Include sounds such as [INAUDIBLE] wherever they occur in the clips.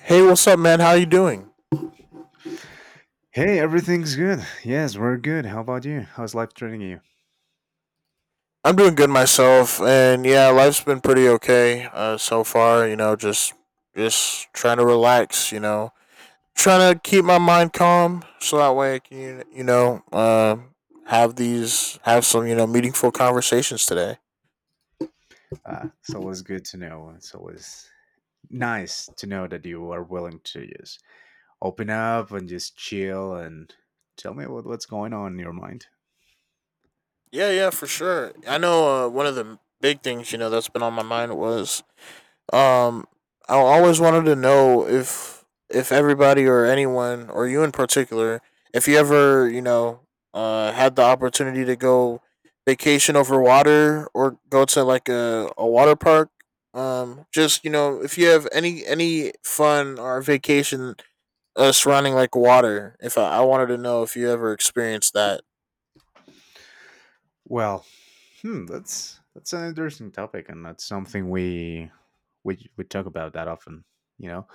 Hey, what's up, man? How you doing? Hey, everything's good. Yes, we're good. How about you? How's life treating you? I'm doing good myself, and yeah, life's been pretty okay so far. Just trying to relax. Trying to keep my mind calm so that way I can have some meaningful conversations today. It's always good to know. It's always nice to know that you are willing to just open up and just chill and tell me what's going on in your mind. Yeah, yeah, for sure. I know one of the big things that's been on my mind was Um, I always wanted to know if everybody or anyone or you in particular, if you ever had the opportunity to go vacation over water or go to like a water park. Just you know if you have any fun or vacation surrounding like water. If I wanted to know if you ever experienced that. Well, that's an interesting topic, and that's something we talk about that often, you know.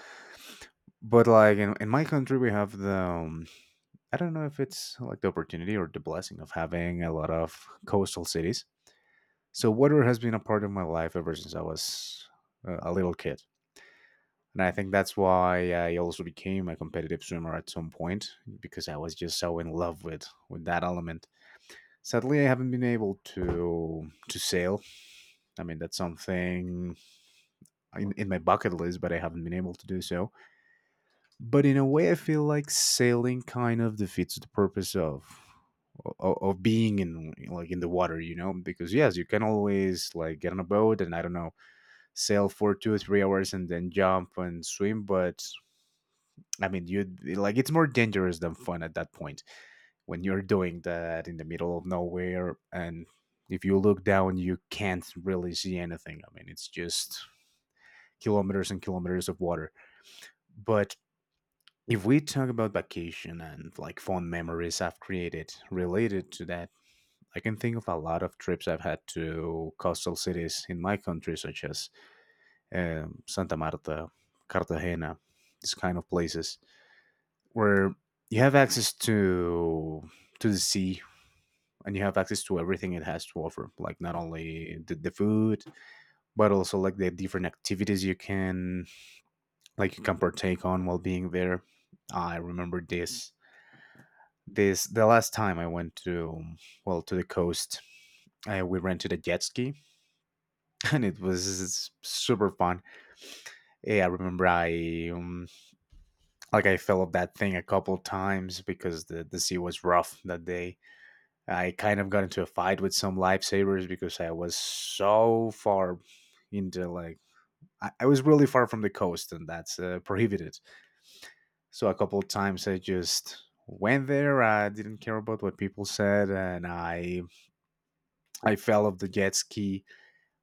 But in my country, we have the I don't know if it's like the opportunity or the blessing of having a lot of coastal cities. So water has been a part of my life ever since I was a little kid. And I think that's why I also became a competitive swimmer at some point because I was just so in love with that element. Sadly, I haven't been able to sail. I mean, that's something in my bucket list, but I haven't been able to do so. But in a way, I feel like sailing kind of defeats the purpose of being in the water, you know, because yes, you can always like get on a boat and I don't know, sail for 2 or 3 hours and then jump and swim. But I mean, you like it's more dangerous than fun at that point when you're doing that in the middle of nowhere. And if you look down, you can't really see anything. I mean, it's just kilometers and kilometers of water. But if we talk about vacation and like fond memories I've created related to that, I can think of a lot of trips I've had to coastal cities in my country, such as Santa Marta, Cartagena, these kind of places where you have access to the sea and you have access to everything it has to offer, like not only the food but also like the different activities you can you can partake on while being there. I remember this this the last time I went to, well, to the coast, we rented a jet ski [LAUGHS] and it was super fun. Yeah, I remember I like I fell off that thing a couple times because the sea was rough that day. I kind of got into a fight with some lifesavers because I was so far into like I was really far from the coast and that's prohibited. So a couple of times I just went there. I didn't care about what people said and I fell off the jet ski.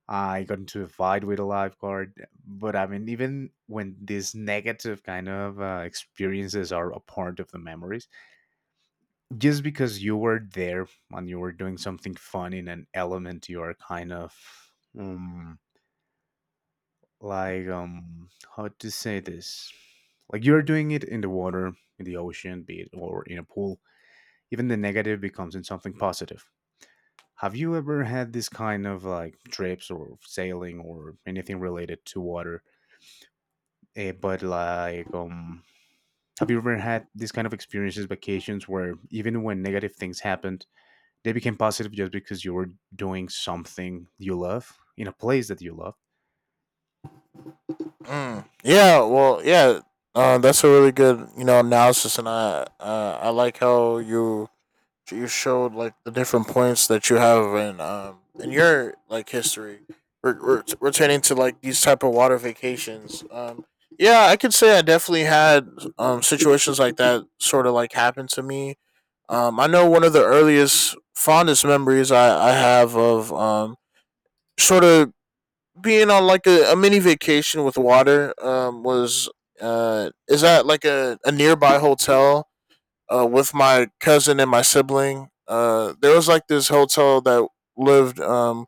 I got into a fight with a lifeguard. But I mean, even when these negative kind of experiences are a part of the memories, just because you were there and you were doing something fun in an element you are kind of um like um how to say this, like you're doing it in the water, in the ocean be it or in a pool, even the negative becomes in something positive. Have you ever had this kind of like trips or sailing or anything related to water? Eh, but like Have you ever had this kind of experiences, vacations where even when negative things happened they became positive just because you were doing something you love in a place that you love? Mm. Yeah. Well, yeah. That's a really good, you know, analysis, and I like how you showed like the different points that you have in your like history. We're returning to like these type of water vacations. Yeah, I could say I definitely had situations like that sort of like happen to me. I know one of the earliest fondest memories I have of sort of being on like a mini vacation with water was is that like a nearby hotel with my cousin and my sibling. There was like this hotel that lived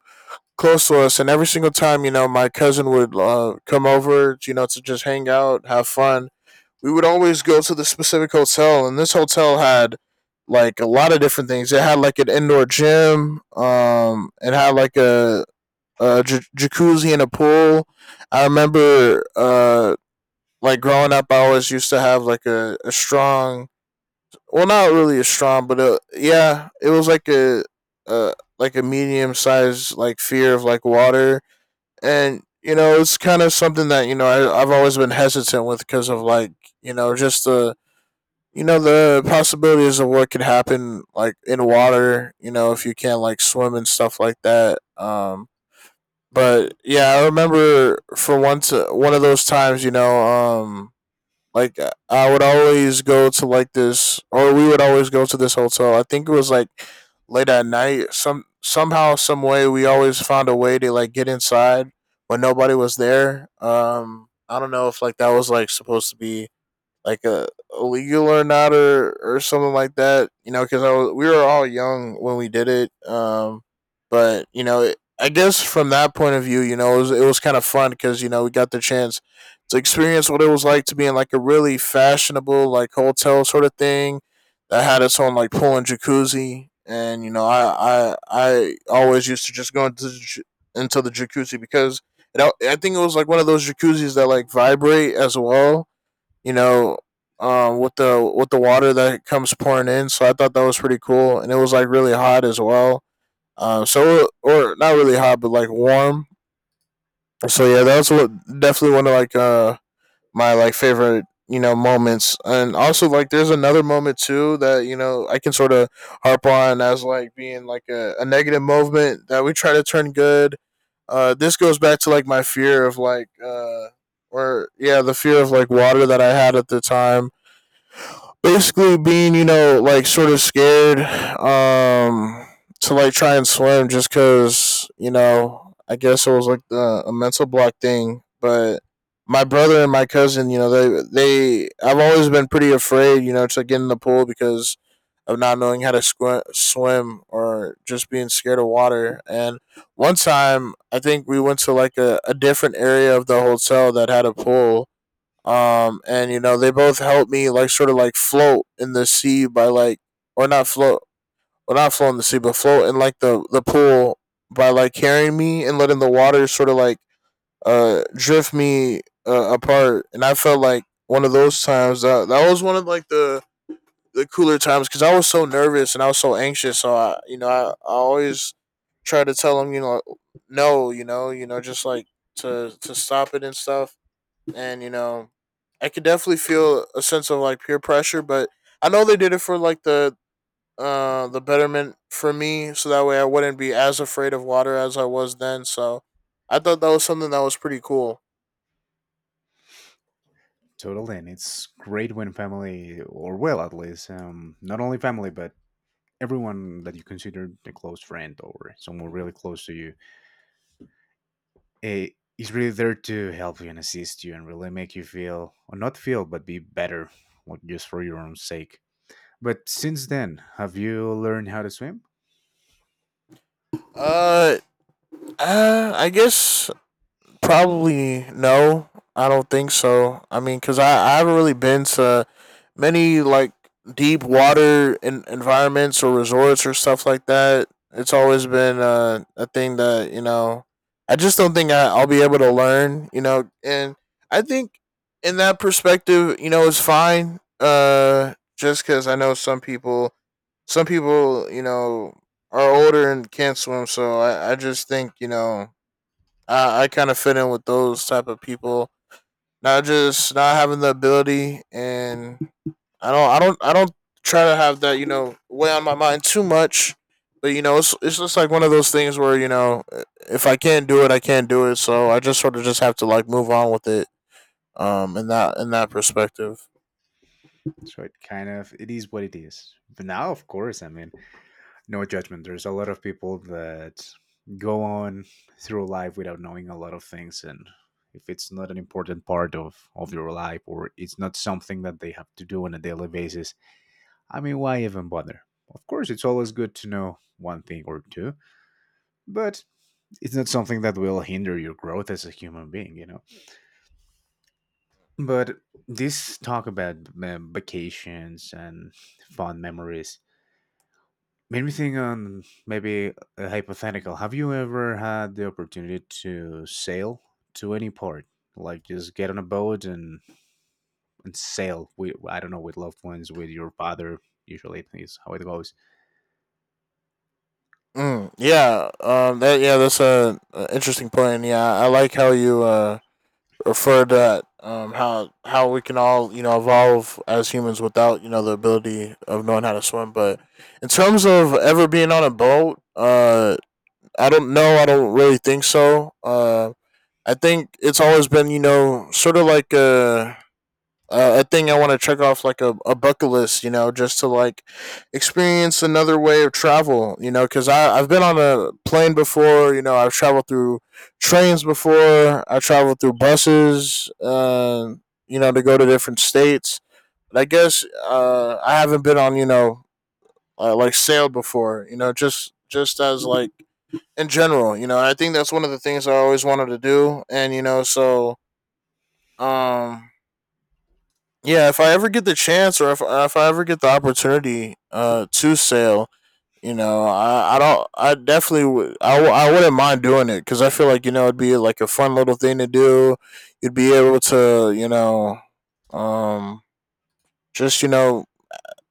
close to us, and every single time, you know, my cousin would come over, you know, to just hang out, have fun. We would always go to the specific hotel, and this hotel had like a lot of different things. It had like an indoor gym. It had like a jacuzzi and a pool. I remember, like growing up, I always used to have like a strong, well, not really a strong, but yeah, it was uh like a medium sized like fear of like water, and you know it's kind of something that I've always been hesitant with because of like you know just the you know the possibilities of what could happen like in water, you know if you can't like swim and stuff like that. But yeah, I remember for once one of those times, like I would always go to like this, or we would always go to this hotel. I think it was like late at night. Somehow, some way, we always found a way to like get inside when nobody was there. I don't know if like that was like supposed to be like a legal or not, or something like that, you know, because I was we were all young when we did it. But you know it, I guess from that point of view, you know it was kind of fun because you know we got the chance to experience what it was like to be in like a really fashionable like hotel sort of thing that had its own like pool and jacuzzi, and you know I always used to just go into the jacuzzi because I think it was like one of those jacuzzis that like vibrate as well, you know, with the water that comes pouring in. So I thought that was pretty cool, and it was like really hot as well. So or not really hot, but like warm. So yeah, that's what definitely one of like my like favorite you know moments, and also like there's another moment too that you know I can sort of harp on as like being like a negative movement that we try to turn good. This goes back to like my fear of like or yeah, the fear of like water that I had at the time, basically being you know like sort of scared to like try and swim, just because you know I guess it was like a mental block thing, but my brother and my cousin, you know they I've always been pretty afraid you know to get in the pool because of not knowing how to swim or just being scared of water. And one time I think we went to like a different area of the hotel that had a pool. And you know they both helped me like sort of like float in the sea by like, or not float, or not float in the sea but float in like the pool, by like carrying me and letting the water sort of like drift me apart. And I felt like one of those times that that was one of like the cooler times because I was so nervous and I was so anxious. So I you know I always try to tell them, you know, no, you know, you know, just like to stop it and stuff. And you know, I could definitely feel a sense of like peer pressure, but I know they did it for like the betterment for me, so that way I wouldn't be as afraid of water as I was then. So I thought that was something that was pretty cool. Totally, and it's great when family, or well at least not only family but everyone that you consider a close friend or someone really close to you, eh, is really there to help you and assist you and really make you feel, or not feel but be better, like just for your own sake. But since then, have you learned how to swim? Uh, I guess probably no. I don't think so. I mean, cause I haven't really been to many like deep water environments or resorts or stuff like that. It's always been a thing that you know, I just don't think I'll be able to learn. You know, and I think in that perspective, you know, it's fine. Just because I know some people, you know, are older and can't swim. So I just think you know I kind of fit in with those type of people. Not just not having the ability, and I don't try to have that, you know, weigh on my mind too much. But you know, it's just like one of those things where you know, if I can't do it, I can't do it. So I just sort of just have to like move on with it. In that perspective. So it kind of it is what it is. But now, of course, I mean, no judgment. There's a lot of people that go on through life without knowing a lot of things and if it's not an important part of your life or it's not something that they have to do on a daily basis, I mean, why even bother? Of course, it's always good to know one thing or two, but it's not something that will hinder your growth as a human being, you know? But this talk about vacations and fond memories made me think on maybe a hypothetical. Have you ever had the opportunity to sail to any port? Like just get on a boat and sail. We I don't know, with loved ones, with your father. Usually is how it goes. Mm, yeah, that yeah, that's a interesting point. Yeah, I like how you referred to that. How we can all you know evolve as humans without you know the ability of knowing how to swim. But in terms of ever being on a boat, I don't know. I don't really think so. I think it's always been, you know, sort of like a thing I want to check off like a bucket list, you know, just to like experience another way of travel, you know, because I've been on a plane before, you know, I've traveled through trains before, I traveled through buses, you know, to go to different states. But I guess I haven't been on, you know, like sailed before, you know, just as like in general. You know, I think that's one of the things I always wanted to do, and you know, so um, yeah, if I ever get the chance or if I ever get the opportunity to sail, you know, I don't I definitely would. I wouldn't mind doing it because I feel like you know it'd be like a fun little thing to do. You'd be able to you know um just you know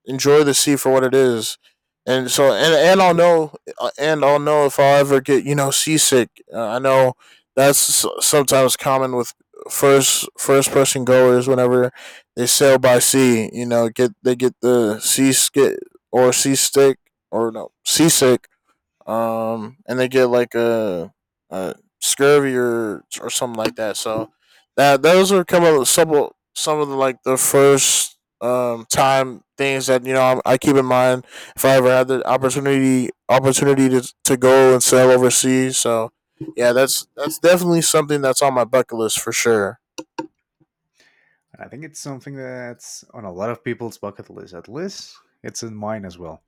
enjoy the sea for what it is. And so, and I'll know if I'll ever get, you know, seasick. I know that's sometimes common with first person goers whenever they sail by sea. You know, get they get the sea skit or sea stick or no, seasick. And they get like a scurvy or something like that. So that those are come up with some of the like the first time things that you know I keep in mind if I ever had the opportunity to go and sail overseas. So yeah, that's definitely something that's on my bucket list for sure. And I think it's something that's on a lot of people's bucket list. At least it's in mine as well.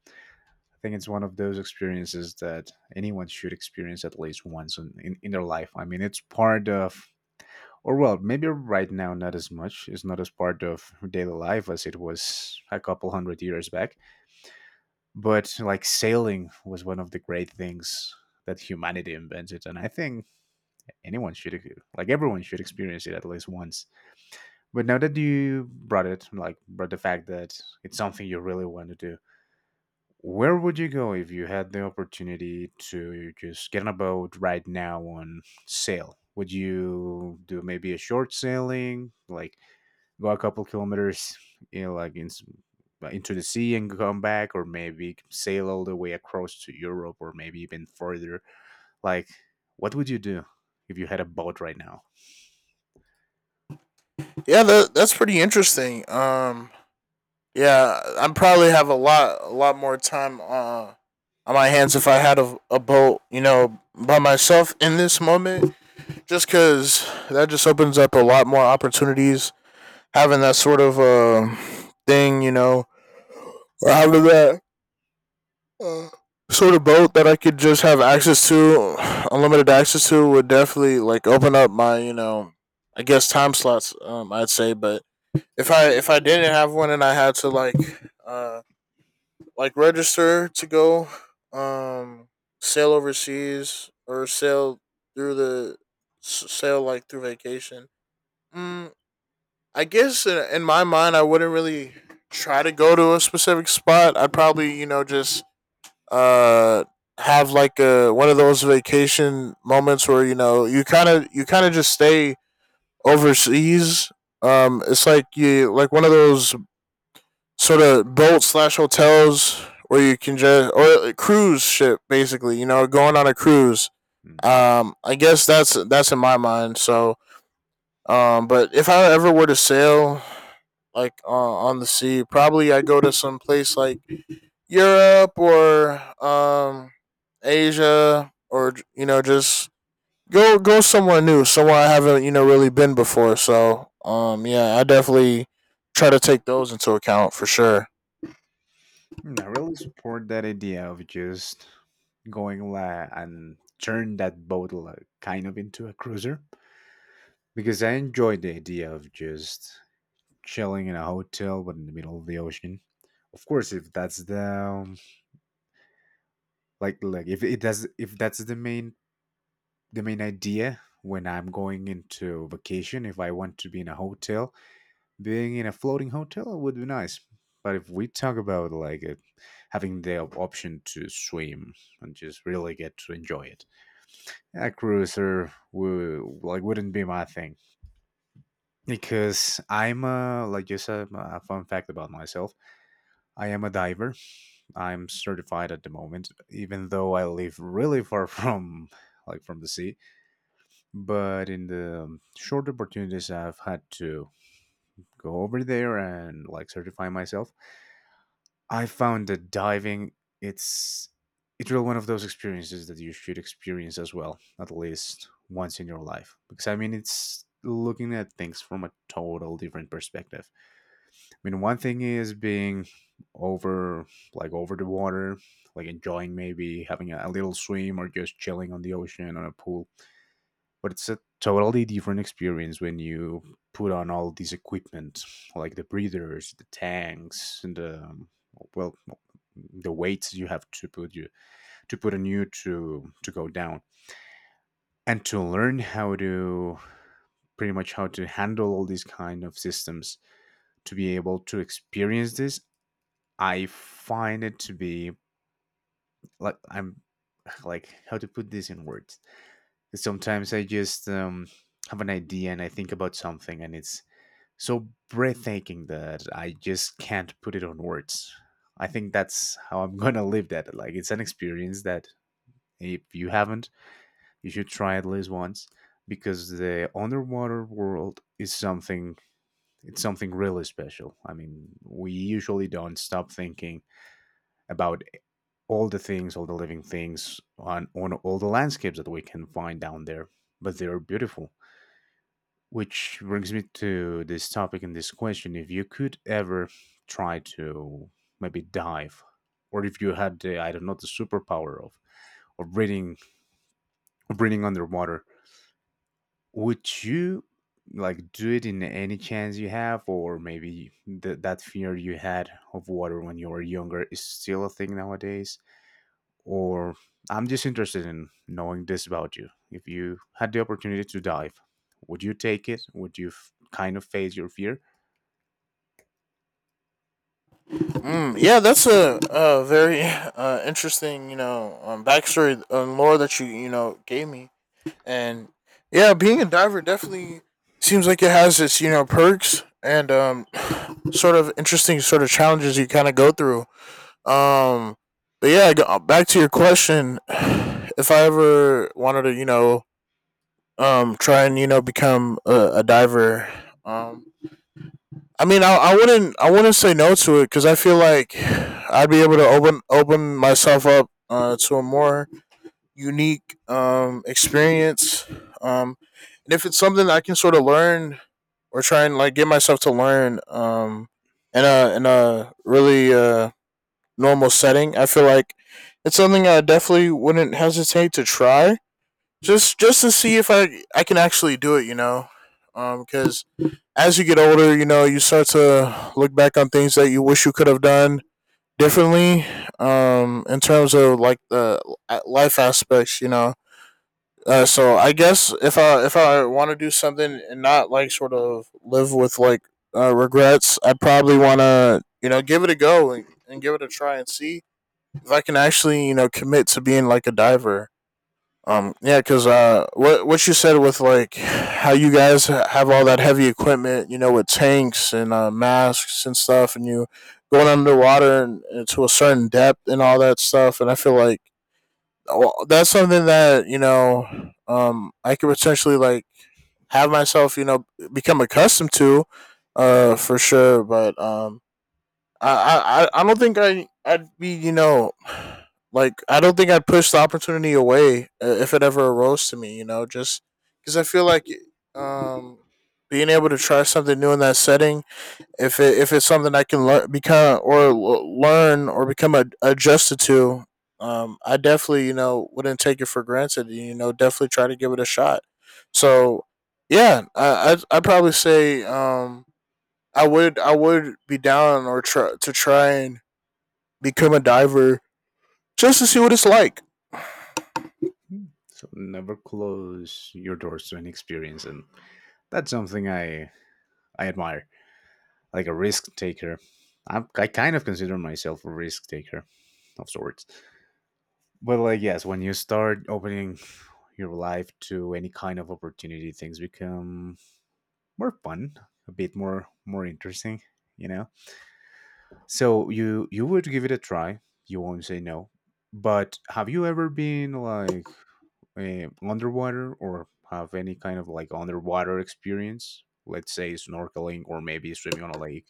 I think it's one of those experiences that anyone should experience at least once in their life. I mean, it's part of, or well, maybe right now not as much. It's not as part of daily life as it was a couple hundred years back. But like sailing was one of the great things that humanity invented, and I think anyone should, like everyone should experience it at least once. But now that you brought it, like brought the fact that it's something you really want to do, where would you go if you had the opportunity to just get on a boat right now on sail? Would you do maybe a short sailing, like go a couple kilometers, you know, like into the sea and come back, or maybe sail all the way across to Europe, or maybe even further. Like, what would you do if you had a boat right now? Yeah, that that's pretty interesting. Yeah, I'd probably have a lot more time on my hands if I had a boat, you know, by myself in this moment. Just because that just opens up a lot more opportunities. Having that sort of thing, you know, or having that uh, sort of boat that I could just have access to, unlimited access to, would definitely like open up my, you know, I guess time slots. I'd say, but if I didn't have one and I had to Uh, like register to go um sail overseas or sail through the sail like through vacation. Mm, I guess in my mind, I wouldn't really try to go to a specific spot. I'd probably, you know, just uh have like a one of those vacation moments where, you know, you kind of just stay overseas. It's like you like one of those sort of boat slash hotels where you can just, or a cruise ship basically. You know, going on a cruise. Mm. I guess that's in my mind. So, but if I ever were to sail like on the sea, probably I go to some place like Europe or Asia or, you know, just go somewhere new, somewhere I haven't, you know, really been before. So, yeah, I definitely try to take those into account for sure. Mm, I really support that idea of just going like and turn that boat like kind of into a cruiser. Because I enjoyed the idea of just chilling in a hotel but in the middle of the ocean. Of course, if that's the if it does, if that's the main, the main idea when I'm going into vacation, if I want to be in a hotel, being in a floating hotel would be nice. But if we talk about like it, having the option to swim and just really get to enjoy it, a cruiser would like wouldn't be my thing. Because I'm like just a fun fact about myself. I am a diver. I'm certified at the moment, even though I live really far [LAUGHS] from like from the sea. But in the short opportunities I've had to go over there and like certify myself, I found that diving, it's it's really one of those experiences that you should experience as well, at least once in your life. Because I mean, it's looking at things from a total different perspective. I mean, one thing is being over, like over the water, like enjoying maybe having a little swim or just chilling on the ocean on a pool. But it's a totally different experience when you put on all these equipment, like the breathers, the tanks, and well, the weights you have to put you to put on you to go down and to learn how to, pretty much how to handle all these kind of systems to be able to experience this. I find it to be like I'm [SIGHS] like how to put this in words. Sometimes I just have an idea and I think about something and it's so breathtaking that I just can't put it on words. I think that's how I'm gonna live that. Like it's an experience that if you haven't, you should try at least once because the underwater world is something, it's something really special. I mean, we usually don't stop thinking about all the things, all the living things on all the landscapes that we can find down there, but they are beautiful. Which brings me to this topic and this question. If you could ever try to maybe dive, or if you had, the, I don't know, the superpower of breathing, of breathing underwater, would you like do it in any chance you have, or maybe that fear you had of water when you were younger is still a thing nowadays? Or I'm just interested in knowing this about you. If you had the opportunity to dive, would you take it? Would you kind of face your fear? Yeah, that's a very interesting, you know, backstory and lore that you know, gave me. And yeah, being a diver definitely seems like it has its, you know, perks and, [CLEARS THROAT] [SIGHS] sort of interesting sort of challenges you kind of go through. Um, but yeah, back to your question. [SIGHS] If I ever wanted to, you know, try and, you know, become a diver, um, I mean, I wouldn't say no to it because I feel like I'd be able to open myself up to a more unique experience, um, and if it's something I can sort of learn or try and like get myself to learn, in a really normal setting, I feel like it's something I definitely wouldn't hesitate to try, just to see if I can actually do it. You know, because as you get older, you know, you start to look back on things that you wish you could have done differently in terms of like the life aspects, you know. So I guess if I want to do something and not like sort of live with like regrets, I probably want to, you know, give it a go and give it a try and see if I can actually, you know, commit to being like a diver. Yeah, because, what you said with like how you guys have all that heavy equipment, you know, with tanks and, masks and stuff, and you going underwater and to a certain depth and all that stuff, and I feel like, well, that's something that, you know, I could potentially like have myself, you know, become accustomed to, for sure. But I don't think I'd be, you know, like, I don't think I'd push the opportunity away if it ever arose to me, you know, just because I feel like um, being able to try something new in that setting, if it's something I can learn, become, or learn, or become adjusted to, I definitely, you know, wouldn't take it for granted, you know, definitely try to give it a shot. So, yeah, I'd probably say, I would be down or try to try and become a diver just to see what it's like. So never close your doors to any experience, and that's something I admire. Like a risk taker, I kind of consider myself a risk taker of sorts. But like yes, when you start opening your life to any kind of opportunity, things become more fun, a bit more interesting. You know. So you would give it a try. You won't say no. But have you ever been like underwater or have any kind of like underwater experience? Let's say snorkeling or maybe swimming on a lake.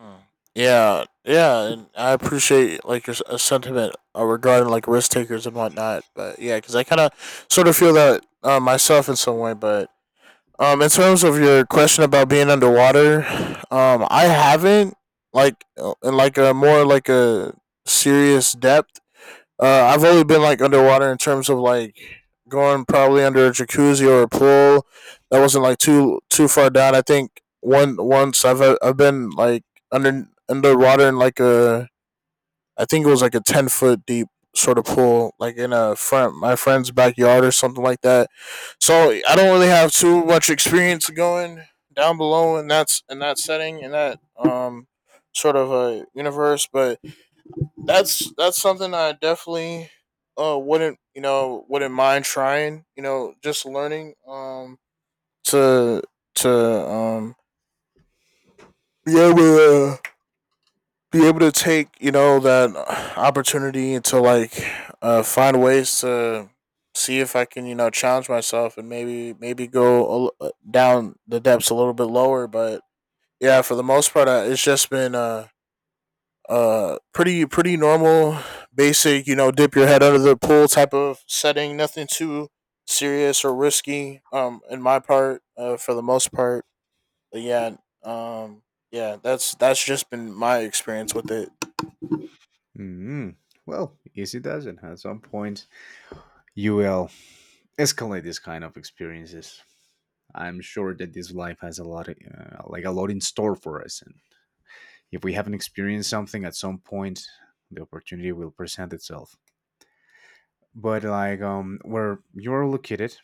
Mm. Yeah, yeah, and I appreciate like your sentiment regarding like risk takers and whatnot. But yeah, because I kind of sort of feel that, myself in some way. But, in terms of your question about being underwater, I haven't like, in like a more like a serious depth. I've only been like underwater in terms of like going probably under a jacuzzi or a pool that wasn't like too too far down. I think one once I've been like underwater in like a, I think it was like a 10 foot deep sort of pool, like in a friend my friend's backyard or something like that. So I don't really have too much experience going down below in that setting in that sort of a universe, but that's something I definitely, wouldn't, you know, wouldn't mind trying, you know, just learning, to to yeah, but, be able to take, you know, that opportunity and to like find ways to see if I can, you know, challenge myself and maybe go a down the depths a little bit lower. But yeah, for the most part, it's just been pretty normal, basic, you know, dip your head under the pool type of setting. Nothing too serious or risky, in my part, for the most part. But yeah, um yeah, that's just been my experience with it. Mm, well, easy does it. At some point, you will escalate this kind of experiences. I'm sure that this life has a lot, like a lot in store for us, and if we haven't experienced something at some point, the opportunity will present itself. But like where you're located,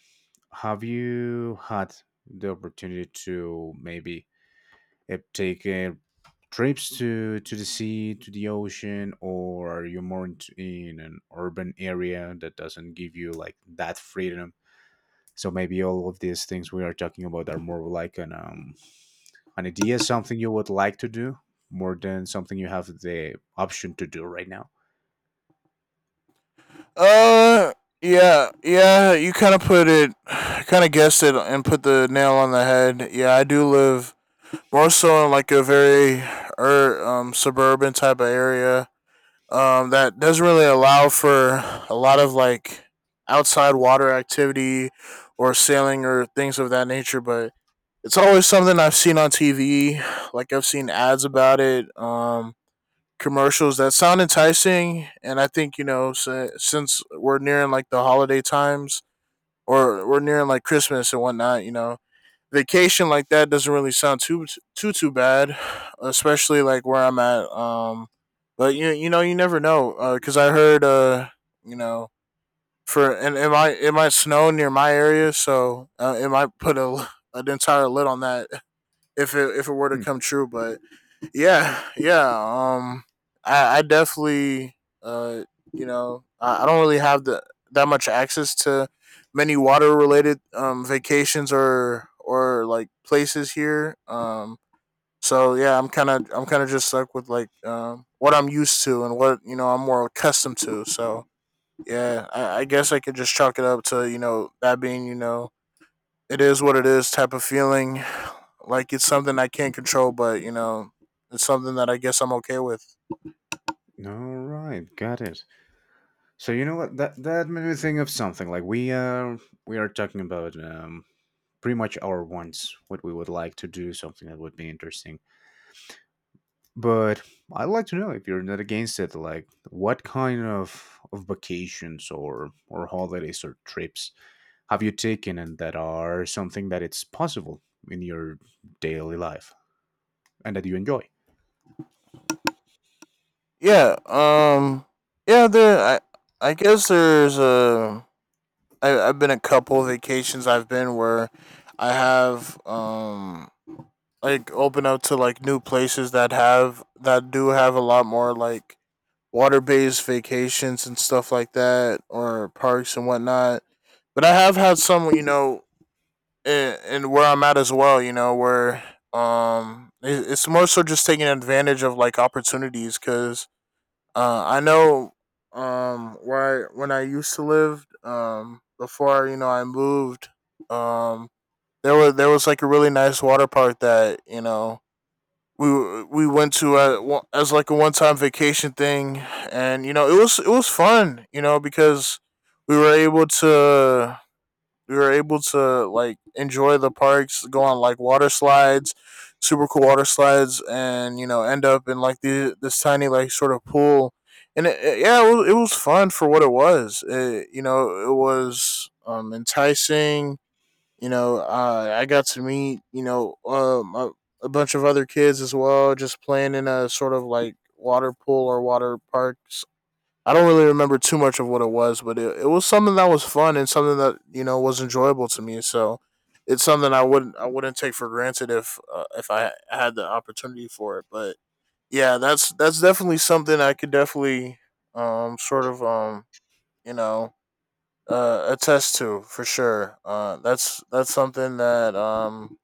have you had the opportunity to maybe take trips to the sea, to the ocean, or are you more into, in an urban area that doesn't give you like that freedom? So maybe all of these things we are talking about are more like an idea, something you would like to do, more than something you have the option to do right now. Uh, yeah, yeah. You kind of put it, kind of guessed it, and put the nail on the head. Yeah, I do live more so in like a very suburban type of area. That doesn't really allow for a lot of like outside water activity or sailing or things of that nature. But it's always something I've seen on TV. Like I've seen ads about it. Commercials that sound enticing, and I think, you know, since we're nearing like the holiday times, or we're nearing like Christmas and whatnot, you know, vacation like that doesn't really sound too too bad, especially like where I'm at. But you, you know, you never know because, I heard, you know, for and it might snow near my area, so, it might put a [LAUGHS] an entire lid on that if it were to Hmm. come true. But yeah, yeah. Um, I definitely, you know, I don't really have the that much access to many water related vacations, or like places here. So yeah, I'm kind of just stuck with like, what I'm used to and what, you know, I'm more accustomed to. So yeah, I guess I could just chalk it up to, you know, that being, you know, it is what it is type of feeling. Like it's something I can't control, but, you know, it's something that I guess I'm okay with. All right, got it. So you know what, that made me think of something. Like we are talking about pretty much our wants, what we would like to do, something that would be interesting. But I'd like to know, if you're not against it, like what kind of vacations or holidays or trips have you taken, and that are something that it's possible in your daily life and that you enjoy? Yeah. Yeah. There. I. I guess there's a. I, I've been a couple vacations I've been where I have, like open up to like new places that have that do have a lot more like water based vacations and stuff like that, or parks and whatnot. But I have had some, you know, and where I'm at as well, you know, where, it, it's more so just taking advantage of like opportunities because, I know, where when I used to live, before, you know, I moved, um there was like a really nice water park that, you know, we went to a, as like a one time vacation thing, and, you know, it was fun, you know, because we were able to we were able to like enjoy the parks, go on like water slides, super cool water slides, and, you know, end up in like the this tiny like sort of pool. And yeah, it was fun for what it was. It, you know, it was, enticing. You know, I got to meet, you know, a bunch of other kids as well, just playing in a sort of like water pool or water parks. I don't really remember too much of what it was, but it was something that was fun and something that, you know, was enjoyable to me. So it's something I wouldn't take for granted if, if I had the opportunity for it. But yeah, that's definitely something I could definitely, sort of, you know, attest to for sure. That's something that,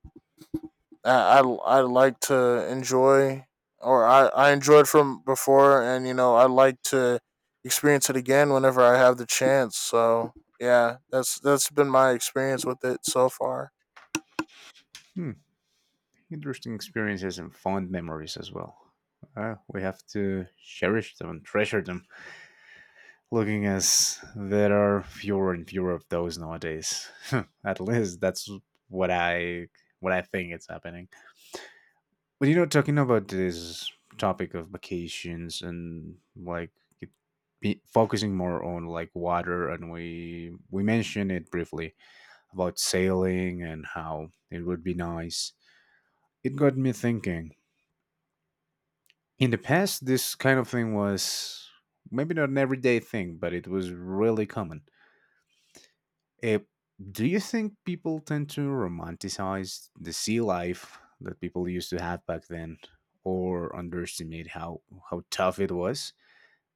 I, I I like to enjoy, or I enjoyed from before, and, you know, I like to experience it again whenever I have the chance. So yeah, that's been my experience with it so far. Hmm, interesting experiences and fond memories as well. We have to cherish them and treasure them, looking as there are fewer and fewer of those nowadays. [LAUGHS] At least that's what I what I think it's happening. But you know, talking about this topic of vacations and like it, be, focusing more on like water, and we mentioned it briefly about sailing and how it would be nice. It got me thinking. In the past, this kind of thing was maybe not an everyday thing, but it was really common. Eh, do you think people tend to romanticize the sea life that people used to have back then, or underestimate how tough it was?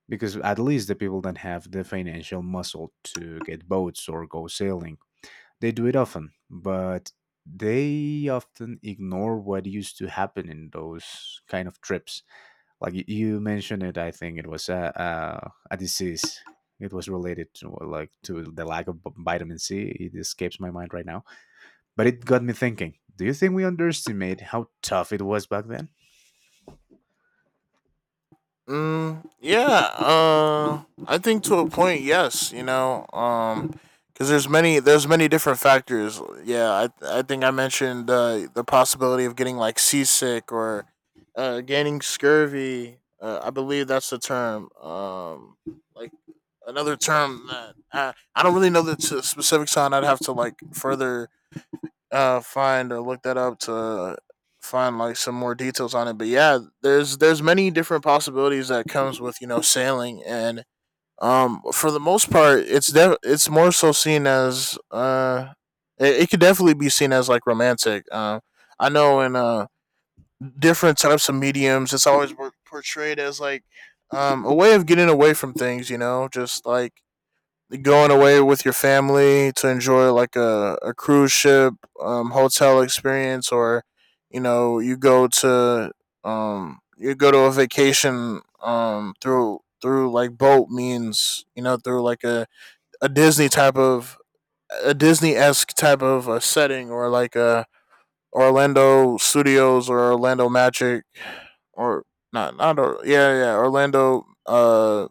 Because at least the people that have the financial muscle to get boats or go sailing, they do it often, but they often ignore what used to happen in those kind of trips. Like you mentioned, it I think it was a disease, it was related to like to the lack of vitamin C. It escapes my mind right now, but it got me thinking, do you think we underestimate how tough it was back then? Mm, yeah, I think to a point, yes. You know, because there's many different factors. Yeah, I think I mentioned, the possibility of getting like seasick or, gaining scurvy. I believe that's the term. Like another term that I don't really know the specifics on. I'd have to like further find look that up to find like some more details on it. But yeah, there's many different possibilities that comes with, you know, sailing. And for the most part it's it's more so seen as it could definitely be seen as like romantic. I know in different types of mediums it's always portrayed as like a way of getting away from things, you know, just like going away with your family to enjoy like a cruise ship hotel experience, or you know, you go to, you go to a vacation through like boat means, you know, through like a disney type of a disney-esque type of a setting, or like a orlando studios or orlando magic, or not not or yeah, yeah, orlando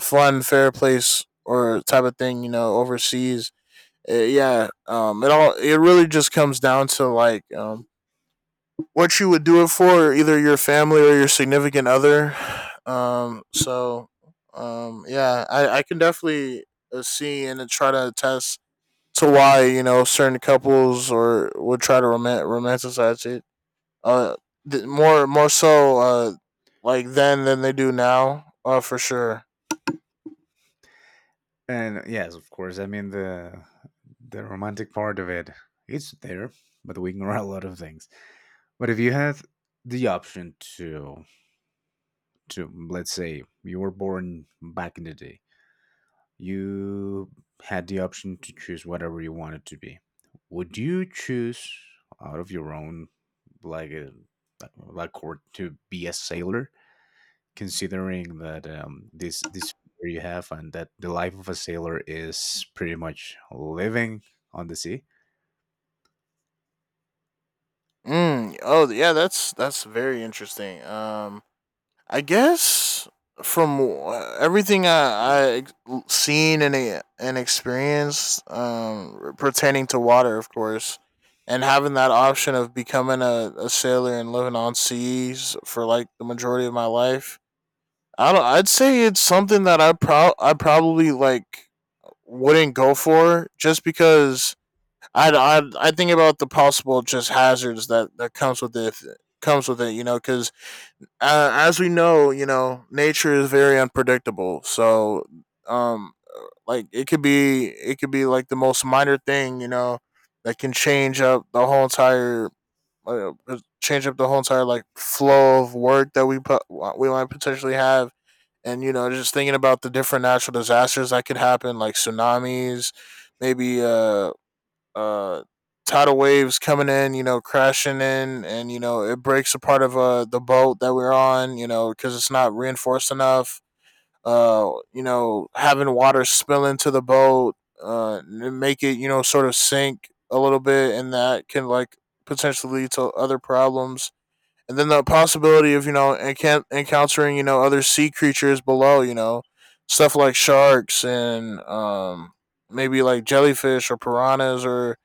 fun fair place or type of thing, you know, overseas. Yeah, it all it really just comes down to like, what you would do it for, either your family or your significant other. Um, so, yeah, I can definitely see and try to attest to why, you know, certain couples or would try to romanticize it. Uh, more so like then than they do now. For sure. And yes, of course. I mean, the romantic part of it, it's there, but we ignore [LAUGHS] a lot of things. But if you had the option to let's say you were born back in the day, you had the option to choose whatever you wanted to be. Would you choose, out of your own, like a like court, to be a sailor, considering that this fear you have, and that the life of a sailor is pretty much living on the sea. Mm, oh yeah, that's very interesting. I guess from everything I seen and and experienced, pertaining to water, of course, and having that option of becoming a sailor and living on seas for like the majority of my life, I don't. I'd say it's something that I probably like wouldn't go for, just because I think about the possible just hazards that that comes with it if, it comes with it, you know, because as we know, you know, nature is very unpredictable. So um like it could be, it could be like the most minor thing, you know, that can change up the whole entire uh, change up the whole entire like flow of work that we put, we might potentially have. And you know, just thinking about the different natural disasters that could happen, like tsunamis, maybe uh tidal waves coming in, you know, crashing in, and you know, it breaks a part of the boat that we're on, you know, because it's not reinforced enough. You know, having water spill into the boat, uh, make it, you know, sort of sink a little bit, and that can like potentially lead to other problems. And then the possibility of, you know, encountering, you know, other sea creatures below, you know, stuff like sharks, and maybe like jellyfish or piranhas or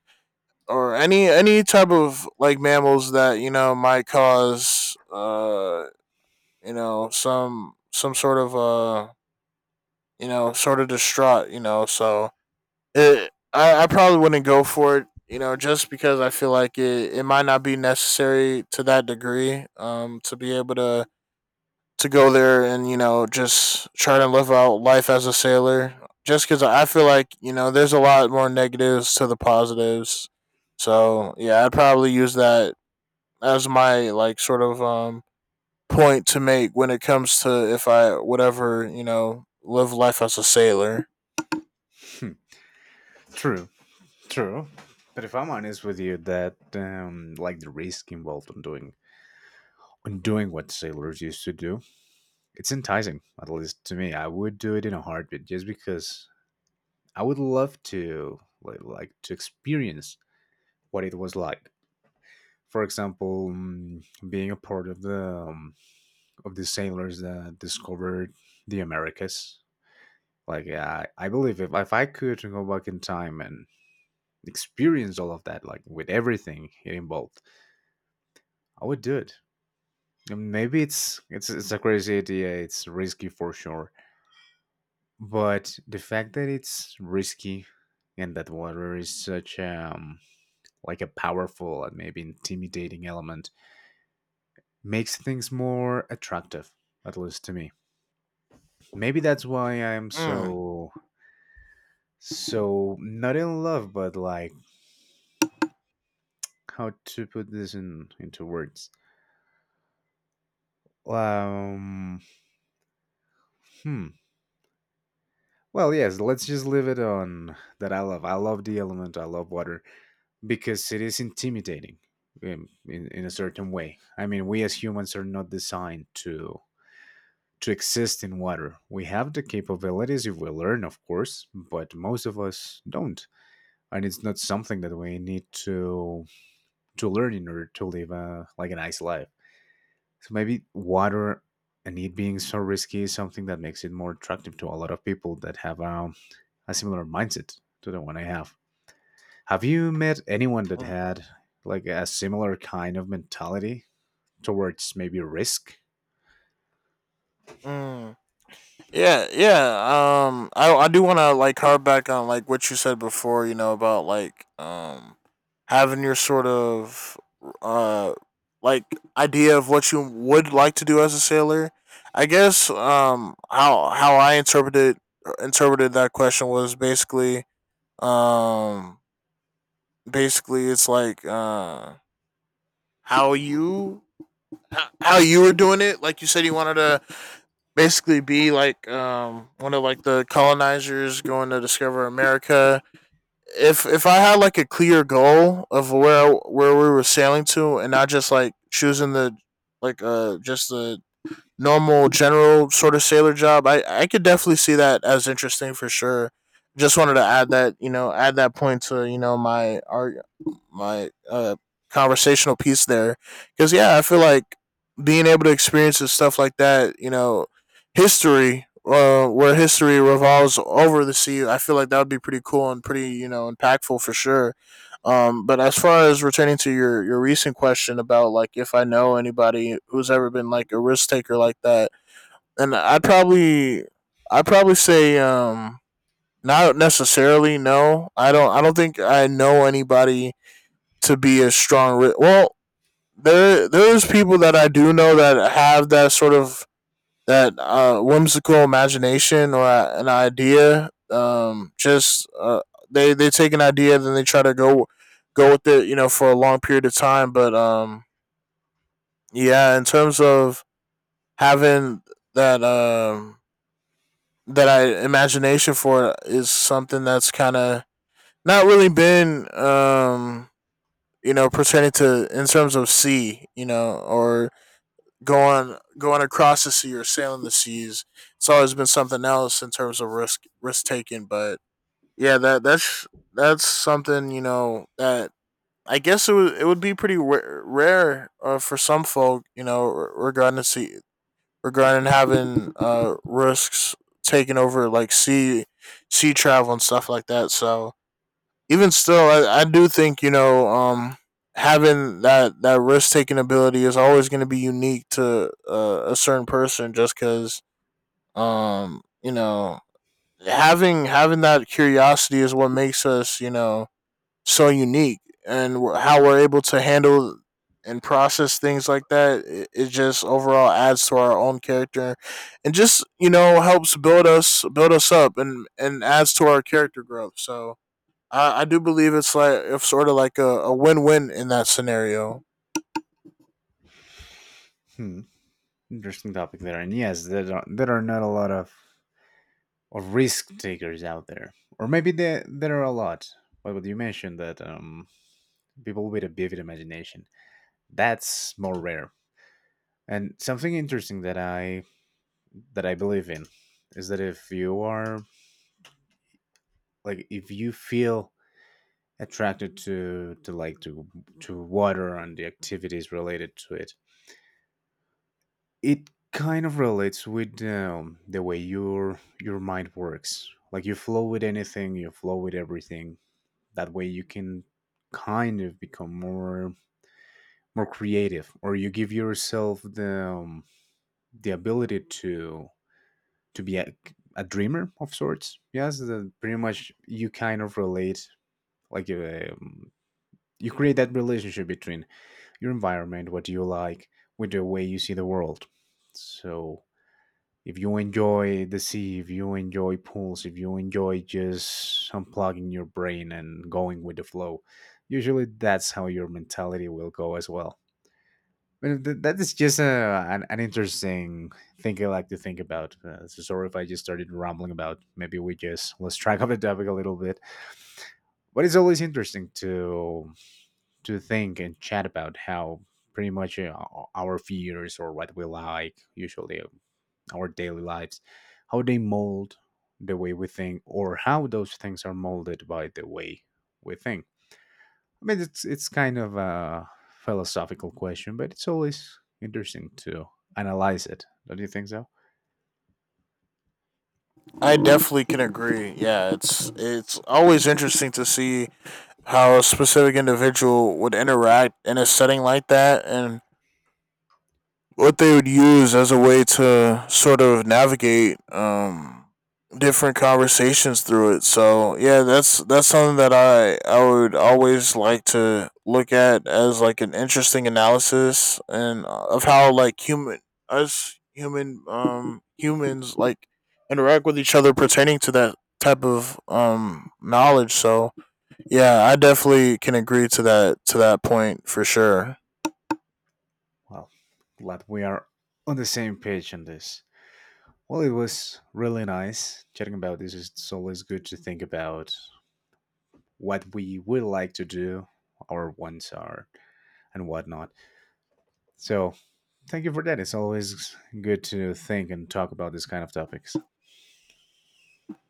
any type of like mammals that, you know, might cause you know, some sort of you know, sort of distraught, you know. So I probably wouldn't go for it, you know, just because I feel like it might not be necessary to that degree, um, to be able to go there and you know, just try to live out life as a sailor, just because I feel like, you know, there's a lot more negatives to the positives. So yeah, I'd probably use that as my like sort of point to make when it comes to if I would ever, you know, live life as a sailor. Hmm, true, true. But if I'm honest with you, that like the risk involved on doing, on doing what sailors used to do, it's enticing. At least to me, I would do it in a heartbeat, just because I would love to like to experience what it was like. For example, being a part of the sailors that discovered the Americas. Like, yeah, I believe if I could go back in time and experience all of that, like with everything it involved, I would do it. And maybe it's it's a crazy idea. It's risky for sure, but the fact that it's risky, and that water is such like a powerful and maybe intimidating element, makes things more attractive, at least to me. Maybe that's why I'm Mm, so, so not in love, but like how to put this in into words, um hmm well, yes, let's just leave it on that. I love, I love the element, I love water because it is intimidating in a certain way. I mean, we as humans are not designed to exist in water. We have the capabilities if we learn, of course, but most of us don't, and it's not something that we need to learn in order to live a, like a nice life. So maybe water, and it being so risky, is something that makes it more attractive to a lot of people that have a similar mindset to the one I have. Have you met anyone that mm, had like a similar kind of mentality towards maybe risk? mm. Yeah, yeah. I do want to like harp back on like what you said before, you know, about like having your sort of uh like idea of what you would like to do as a sailor. I guess how I interpreted interpreted that question was basically um basically it's like how you how you were doing it. Like you said you wanted to basically be like one of like the colonizers going to discover America. If I had like a clear goal of where we were sailing to, and not just like choosing the like just the normal general sort of sailor job, I could definitely see that as interesting, for sure. Just wanted to add that, you know, add that point to, you know, my conversational piece there, because yeah, I feel like being able to experience stuff like that, you know, history, where history revolves over the sea, I feel like that would be pretty cool and pretty, you know, impactful, for sure. But as far as returning to your recent question about like if I know anybody who's ever been like a risk taker like that, and I'd probably say, not necessarily, no. I don't, I don't think I know anybody to be a strong well, there is people that I do know that have that sort of that whimsical imagination or an idea. Just they take an idea, then they try to go with it, you know, for a long period of time. But yeah, in terms of having that that I imagination for it is something that's kind of not really been, you know, pertaining to in terms of C, you know, or going across the sea or sailing the seas. It's always been something else in terms of risk taking. But yeah, that's something, you know, that I guess it would, it would be pretty rare, for some folk, you know, regarding the sea, regarding having risks taking over like sea travel and stuff like that. So even still, I do think, you know, having that that risk taking ability is always going to be unique to, a certain person. Just because, you know, having that curiosity is what makes us, you know, so unique. And how we're able to handle and process things like that, it just overall adds to our own character, and just, you know, helps build us up, and adds to our character growth. So I do believe it's like it's sort of like a win win in that scenario. Hmm. Interesting topic there. And yes, there are not a lot of risk takers out there. Or maybe there, there are a lot. But what you mentioned, that people with a vivid imagination, that's more rare. And something interesting that I, that I believe in, is that if you are, like if you feel attracted to like to water and the activities related to it, it kind of relates with the way your mind works. Like you flow with anything, you flow with everything. That way you can kind of become more, more creative, or you give yourself the ability to be a dreamer of sorts. Yes, the, pretty much you kind of relate, like um, you create that relationship between your environment, what you like, with the way you see the world. So if you enjoy the sea, if you enjoy pools, if you enjoy just unplugging your brain and going with the flow, usually that's how your mentality will go as well. Well, that is just a, an interesting thing I like to think about. So sorry if I just started rambling about. Maybe we just let's track off the topic a little bit. But it's always interesting to think and chat about how pretty much our fears or what we like, usually our daily lives, how they mold the way we think, or how those things are molded by the way we think. I mean, it's kind of a philosophical question, but it's always interesting to analyze it. Don't you think so? I definitely can agree. Yeah, it's always interesting to see how a specific individual would interact in a setting like that, and what they would use as a way to sort of navigate, different conversations through it. So yeah, that's something that I would always like to look at as like an interesting analysis and, of how like human humans like interact with each other pertaining to that type of knowledge. So yeah, I definitely can agree to that, to that point, for sure. Well, glad we are on the same page on this. Well, it was really nice chatting about this. It's always good to think about what we would like to do, our wants are, and whatnot. So, thank you for that. It's always good to think and talk about this kind of topics.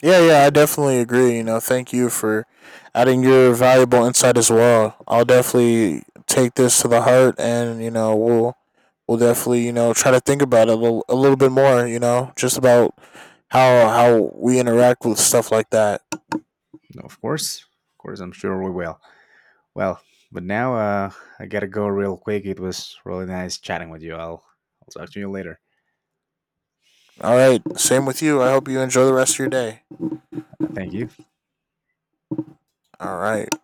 Yeah, yeah, I definitely agree. You know, thank you for adding your valuable insight as well. I'll definitely take this to the heart, and you know, we'll definitely, you know, try to think about it a little bit more. You know, just about how we interact with stuff like that. No, of course, I'm sure we will. Well, but now I gotta go real quick. It was really nice chatting with you. I'll talk to you later. All right, same with you. I hope you enjoy the rest of your day. Thank you. All right.